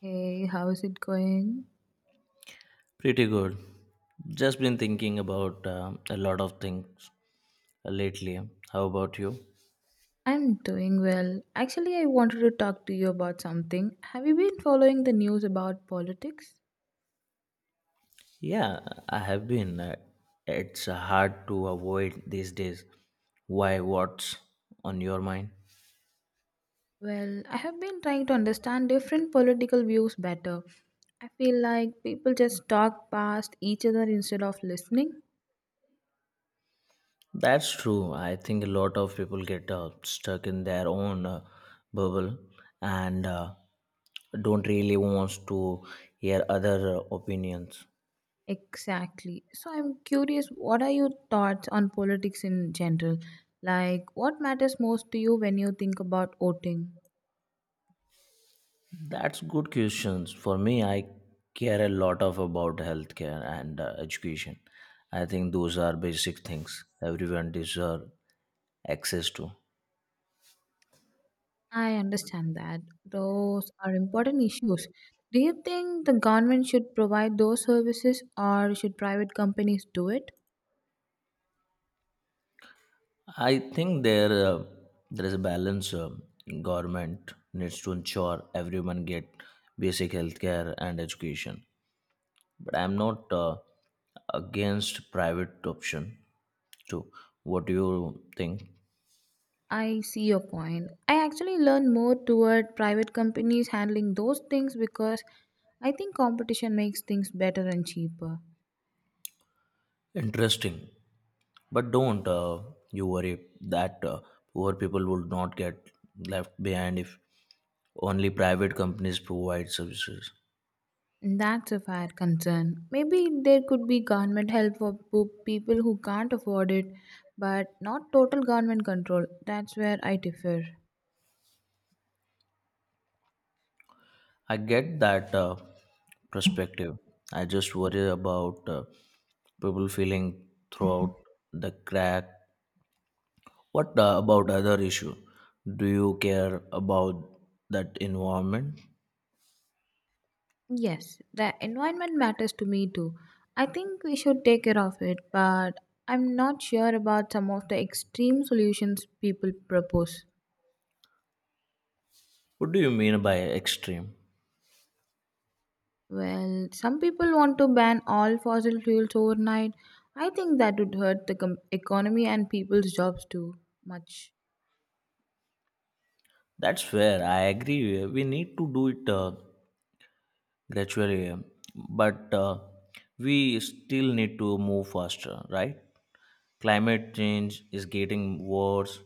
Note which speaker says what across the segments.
Speaker 1: Hey, how's it going?
Speaker 2: Pretty good. Just been thinking about a lot of things lately. How about you?
Speaker 1: I'm doing well. Actually, I wanted to talk to you about something. Have you been following the news about politics?
Speaker 2: Yeah, I have been. It's hard to avoid these days. Why? What's on your mind?
Speaker 1: Well, I have been trying to understand different political views better. I feel like people just talk past each other instead of listening.
Speaker 2: That's true. I think a lot of people get stuck in their own bubble and don't really want to hear other opinions.
Speaker 1: Exactly. So I'm curious, what are your thoughts on politics in general? Like, what matters most to you when you think about voting?
Speaker 2: That's good questions. For me, I care a lot of about healthcare and education. I think those are basic things everyone deserve access to.
Speaker 1: I understand that. Those are important issues. Do you think the government should provide those services or should private companies do it?
Speaker 2: I think there is a balance. Government needs to ensure everyone get basic healthcare and education. But I'm not against private option too. What do you think?
Speaker 1: I see your point. I actually learn more toward private companies handling those things because I think competition makes things better and cheaper.
Speaker 2: Interesting. But don't you worry that poor people would not get left behind if only private companies provide services.
Speaker 1: And that's a fair concern. Maybe there could be government help for people who can't afford it, but not total government control. That's where I differ.
Speaker 2: I get that perspective. I just worry about people feeling throughout the crack. What about other issue? Do you care about that environment?
Speaker 1: Yes, the environment matters to me too. I think we should take care of it, but I'm not sure about some of the extreme solutions people propose.
Speaker 2: What do you mean by extreme?
Speaker 1: Well, some people want to ban all fossil fuels overnight. I think that would hurt the economy and people's jobs too much.
Speaker 2: That's fair. I agree. We need to do it. Gradually, but we still need to move faster, right? Climate change is getting worse.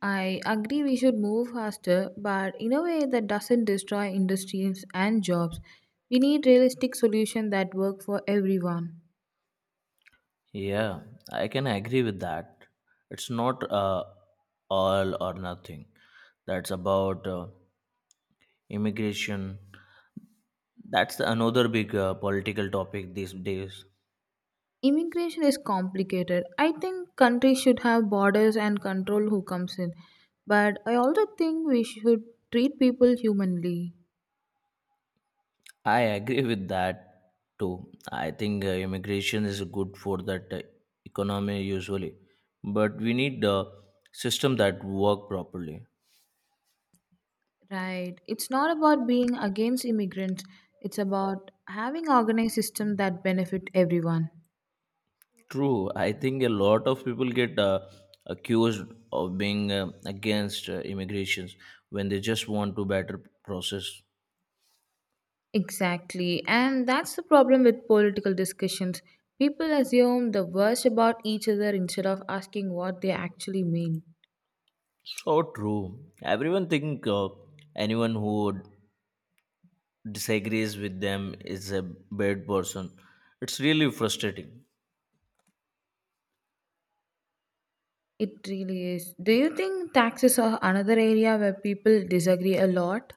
Speaker 1: I agree we should move faster, but in a way that doesn't destroy industries and jobs. We need realistic solutions that work for everyone.
Speaker 2: Yeah, I can agree with that. It's not all or nothing. That's about immigration. That's another big political topic these days.
Speaker 1: Immigration is complicated. I think countries should have borders and control who comes in. But I also think we should treat people humanly.
Speaker 2: I agree with that too. I think immigration is good for that economy usually, but we need a system that work properly.
Speaker 1: Right. It's not about being against immigrants. It's about having organized systems that benefit everyone.
Speaker 2: True, I think a lot of people get accused of being against immigrations when they just want to better process.
Speaker 1: Exactly. And that's the problem with political discussions. People assume the worst about each other instead of asking what they actually mean.
Speaker 2: So true. Everyone think anyone who disagrees with them is a bad person. It's really frustrating.
Speaker 1: It really is. Do you think taxes are another area where people disagree a lot?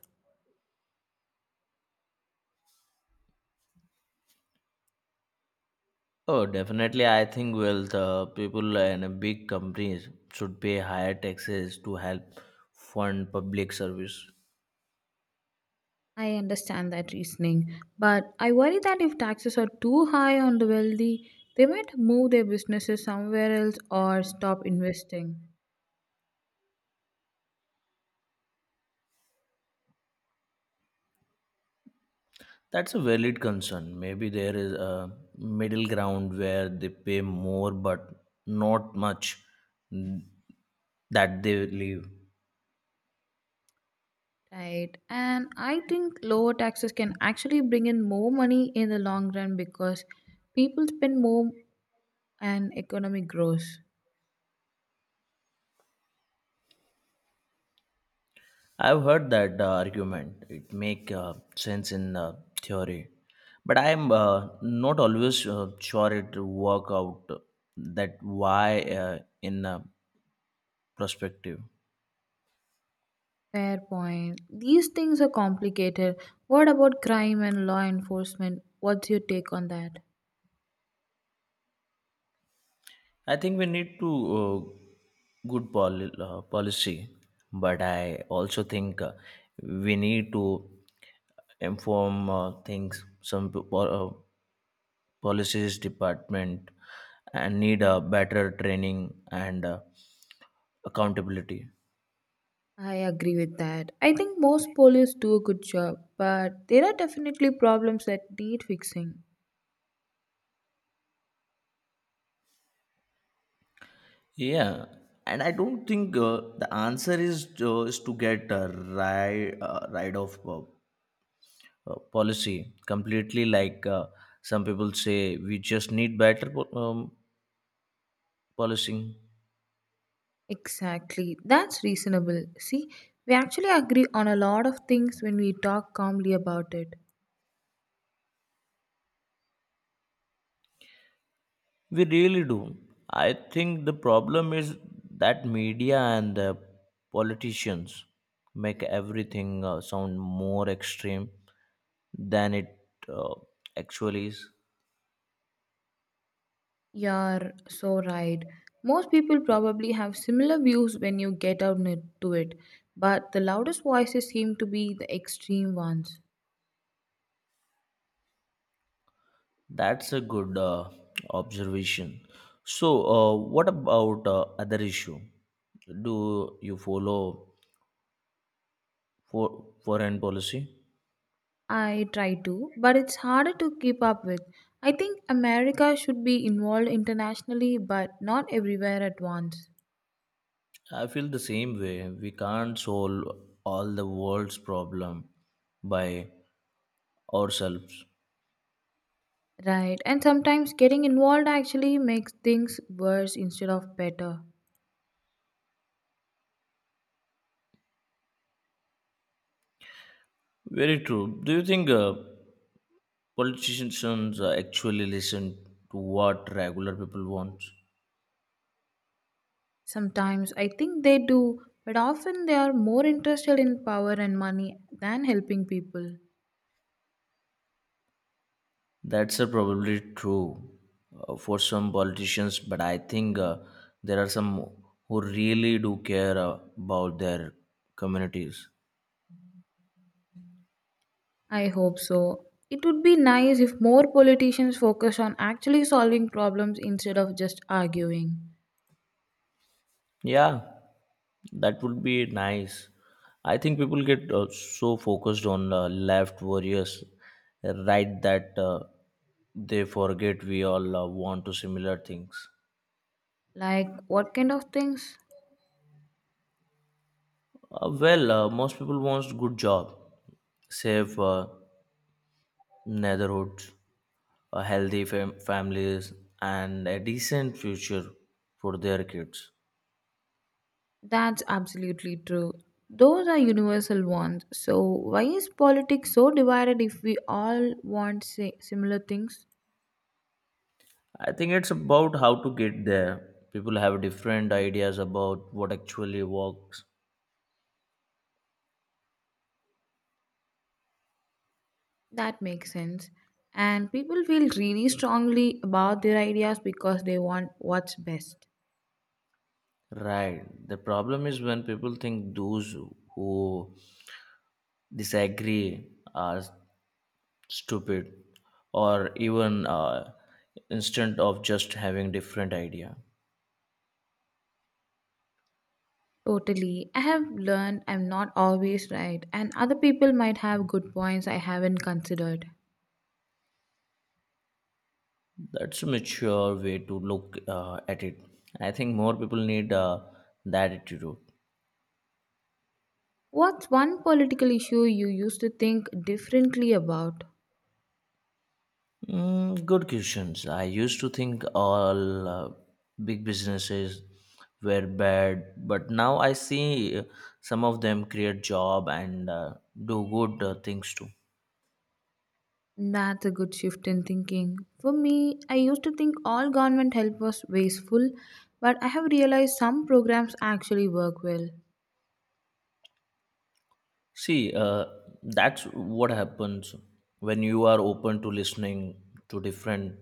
Speaker 2: Oh, definitely. I think, well, the people and big companies should pay higher taxes to help fund public service.
Speaker 1: I understand that reasoning, but I worry that if taxes are too high on the wealthy, they might move their businesses somewhere else or stop investing.
Speaker 2: That's a valid concern. Maybe there is a middle ground where they pay more but not much, mm, that they leave.
Speaker 1: Right. And I think lower taxes can actually bring in more money in the long run because people spend more and economy grows.
Speaker 2: I've heard that argument. It make sense in theory, but I'm not always sure it work out. That why in perspective
Speaker 1: Fair point. These things are complicated. What about crime and law enforcement? What's your take on that?
Speaker 2: I think we need to, uh, good policy but I also think we need to inform things, some policies department, and need a better training and accountability.
Speaker 1: I agree with that. I think most police do a good job, but there are definitely problems that need fixing.
Speaker 2: Yeah, and I don't think the answer is to get rid of policy completely, like some people say. We just need better policing
Speaker 1: Exactly. That's reasonable. See, we actually agree on a lot of things when we talk calmly about it.
Speaker 2: we really do. I think the problem is that media and the politicians make everything sound more extreme than it uh, actually is.
Speaker 1: You're so right. Most people probably have similar views when you get to it, but the loudest voices seem to be the extreme ones.
Speaker 2: That's a good observation. So, what about other issue? Do you follow for foreign policy?
Speaker 1: I try to, but it's harder to keep up with. I think America should be involved internationally, but not everywhere at once.
Speaker 2: I feel the same way. We can't solve all the world's problem by ourselves.
Speaker 1: Right, and sometimes getting involved actually makes things worse instead of better.
Speaker 2: Very true. Do you think politicians actually listen to what regular people want?
Speaker 1: Sometimes I think they do, but often they are more interested in power and money than helping people.
Speaker 2: That's probably true for some politicians, but I think there are some who really do care about their communities.
Speaker 1: I hope so. It would be nice if more politicians focus on actually solving problems instead of just arguing.
Speaker 2: Yeah, that would be nice. I think people get so focused on left warriors, right, that they forget we all want to similar things.
Speaker 1: Like, what kind of things?
Speaker 2: Well, most people wants good job, safe neighborhoods, a healthy families, and a decent future for their kids.
Speaker 1: That's absolutely true. Those are universal ones. So, why is politics so divided if we all want similar things?
Speaker 2: I think it's about how to get there. People have different ideas about what actually works.
Speaker 1: That makes sense. And people feel really strongly about their ideas because they want what's best.
Speaker 2: Right. The problem is when people think those who disagree are stupid or even instead of just having different idea.
Speaker 1: Totally. I have learned I'm not always right, and other people might have good points I haven't considered.
Speaker 2: That's a mature way to look at it. I think more people need that attitude.
Speaker 1: What's one political issue you used to think differently about?
Speaker 2: Mm, good questions. I used to think all big businesses were bad, but now I see some of them create job and do good things too.
Speaker 1: That's a good shift in thinking. For me, I used to think all government help was wasteful, but I have realized some programs actually work well.
Speaker 2: See, that's what happens when you are open to listening to different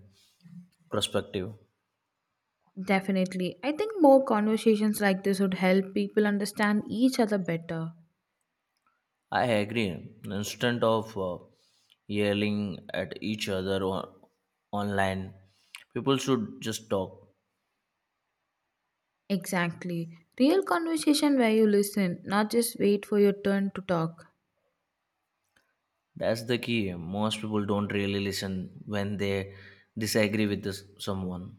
Speaker 2: perspective.
Speaker 1: Definitely. I think more conversations like this would help people understand each other better.
Speaker 2: I agree. Instead of yelling at each other online, people should just talk.
Speaker 1: Exactly. Real conversation where you listen, not just wait for your turn to talk.
Speaker 2: That's the key. Most people don't really listen when they disagree with this, someone.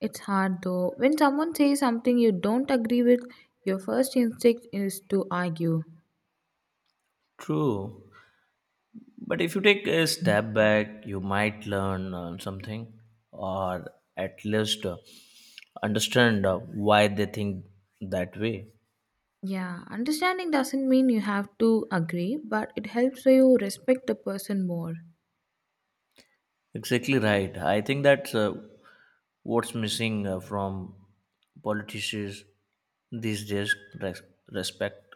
Speaker 1: It's hard though. When someone says something you don't agree with, your first instinct is to argue.
Speaker 2: True. But if you take a step back, you might learn something or at least understand why they think that way.
Speaker 1: Yeah, understanding doesn't mean you have to agree, but it helps you respect the person more.
Speaker 2: Exactly right. I think that's what's missing from politicians these days, res- respect.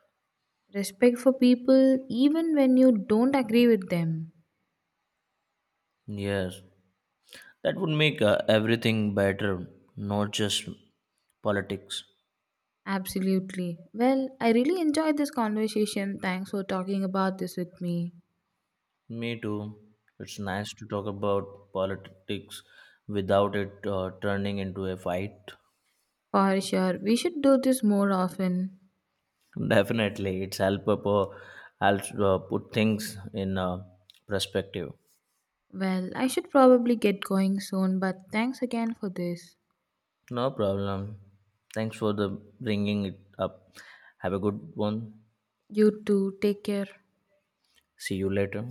Speaker 1: Respect for people even when you don't agree with them.
Speaker 2: Yes. That would make everything better, not just politics.
Speaker 1: Absolutely. Well, I really enjoyed this conversation. Thanks for talking about this with me.
Speaker 2: Me too. It's nice to talk about politics without it turning into a fight.
Speaker 1: For sure, we should do this more often.
Speaker 2: Definitely, it's helps put things in perspective.
Speaker 1: Well, I should probably get going soon, but thanks again for this.
Speaker 2: No problem. Thanks for the bringing it up. Have a good one.
Speaker 1: You too, take care.
Speaker 2: See you later.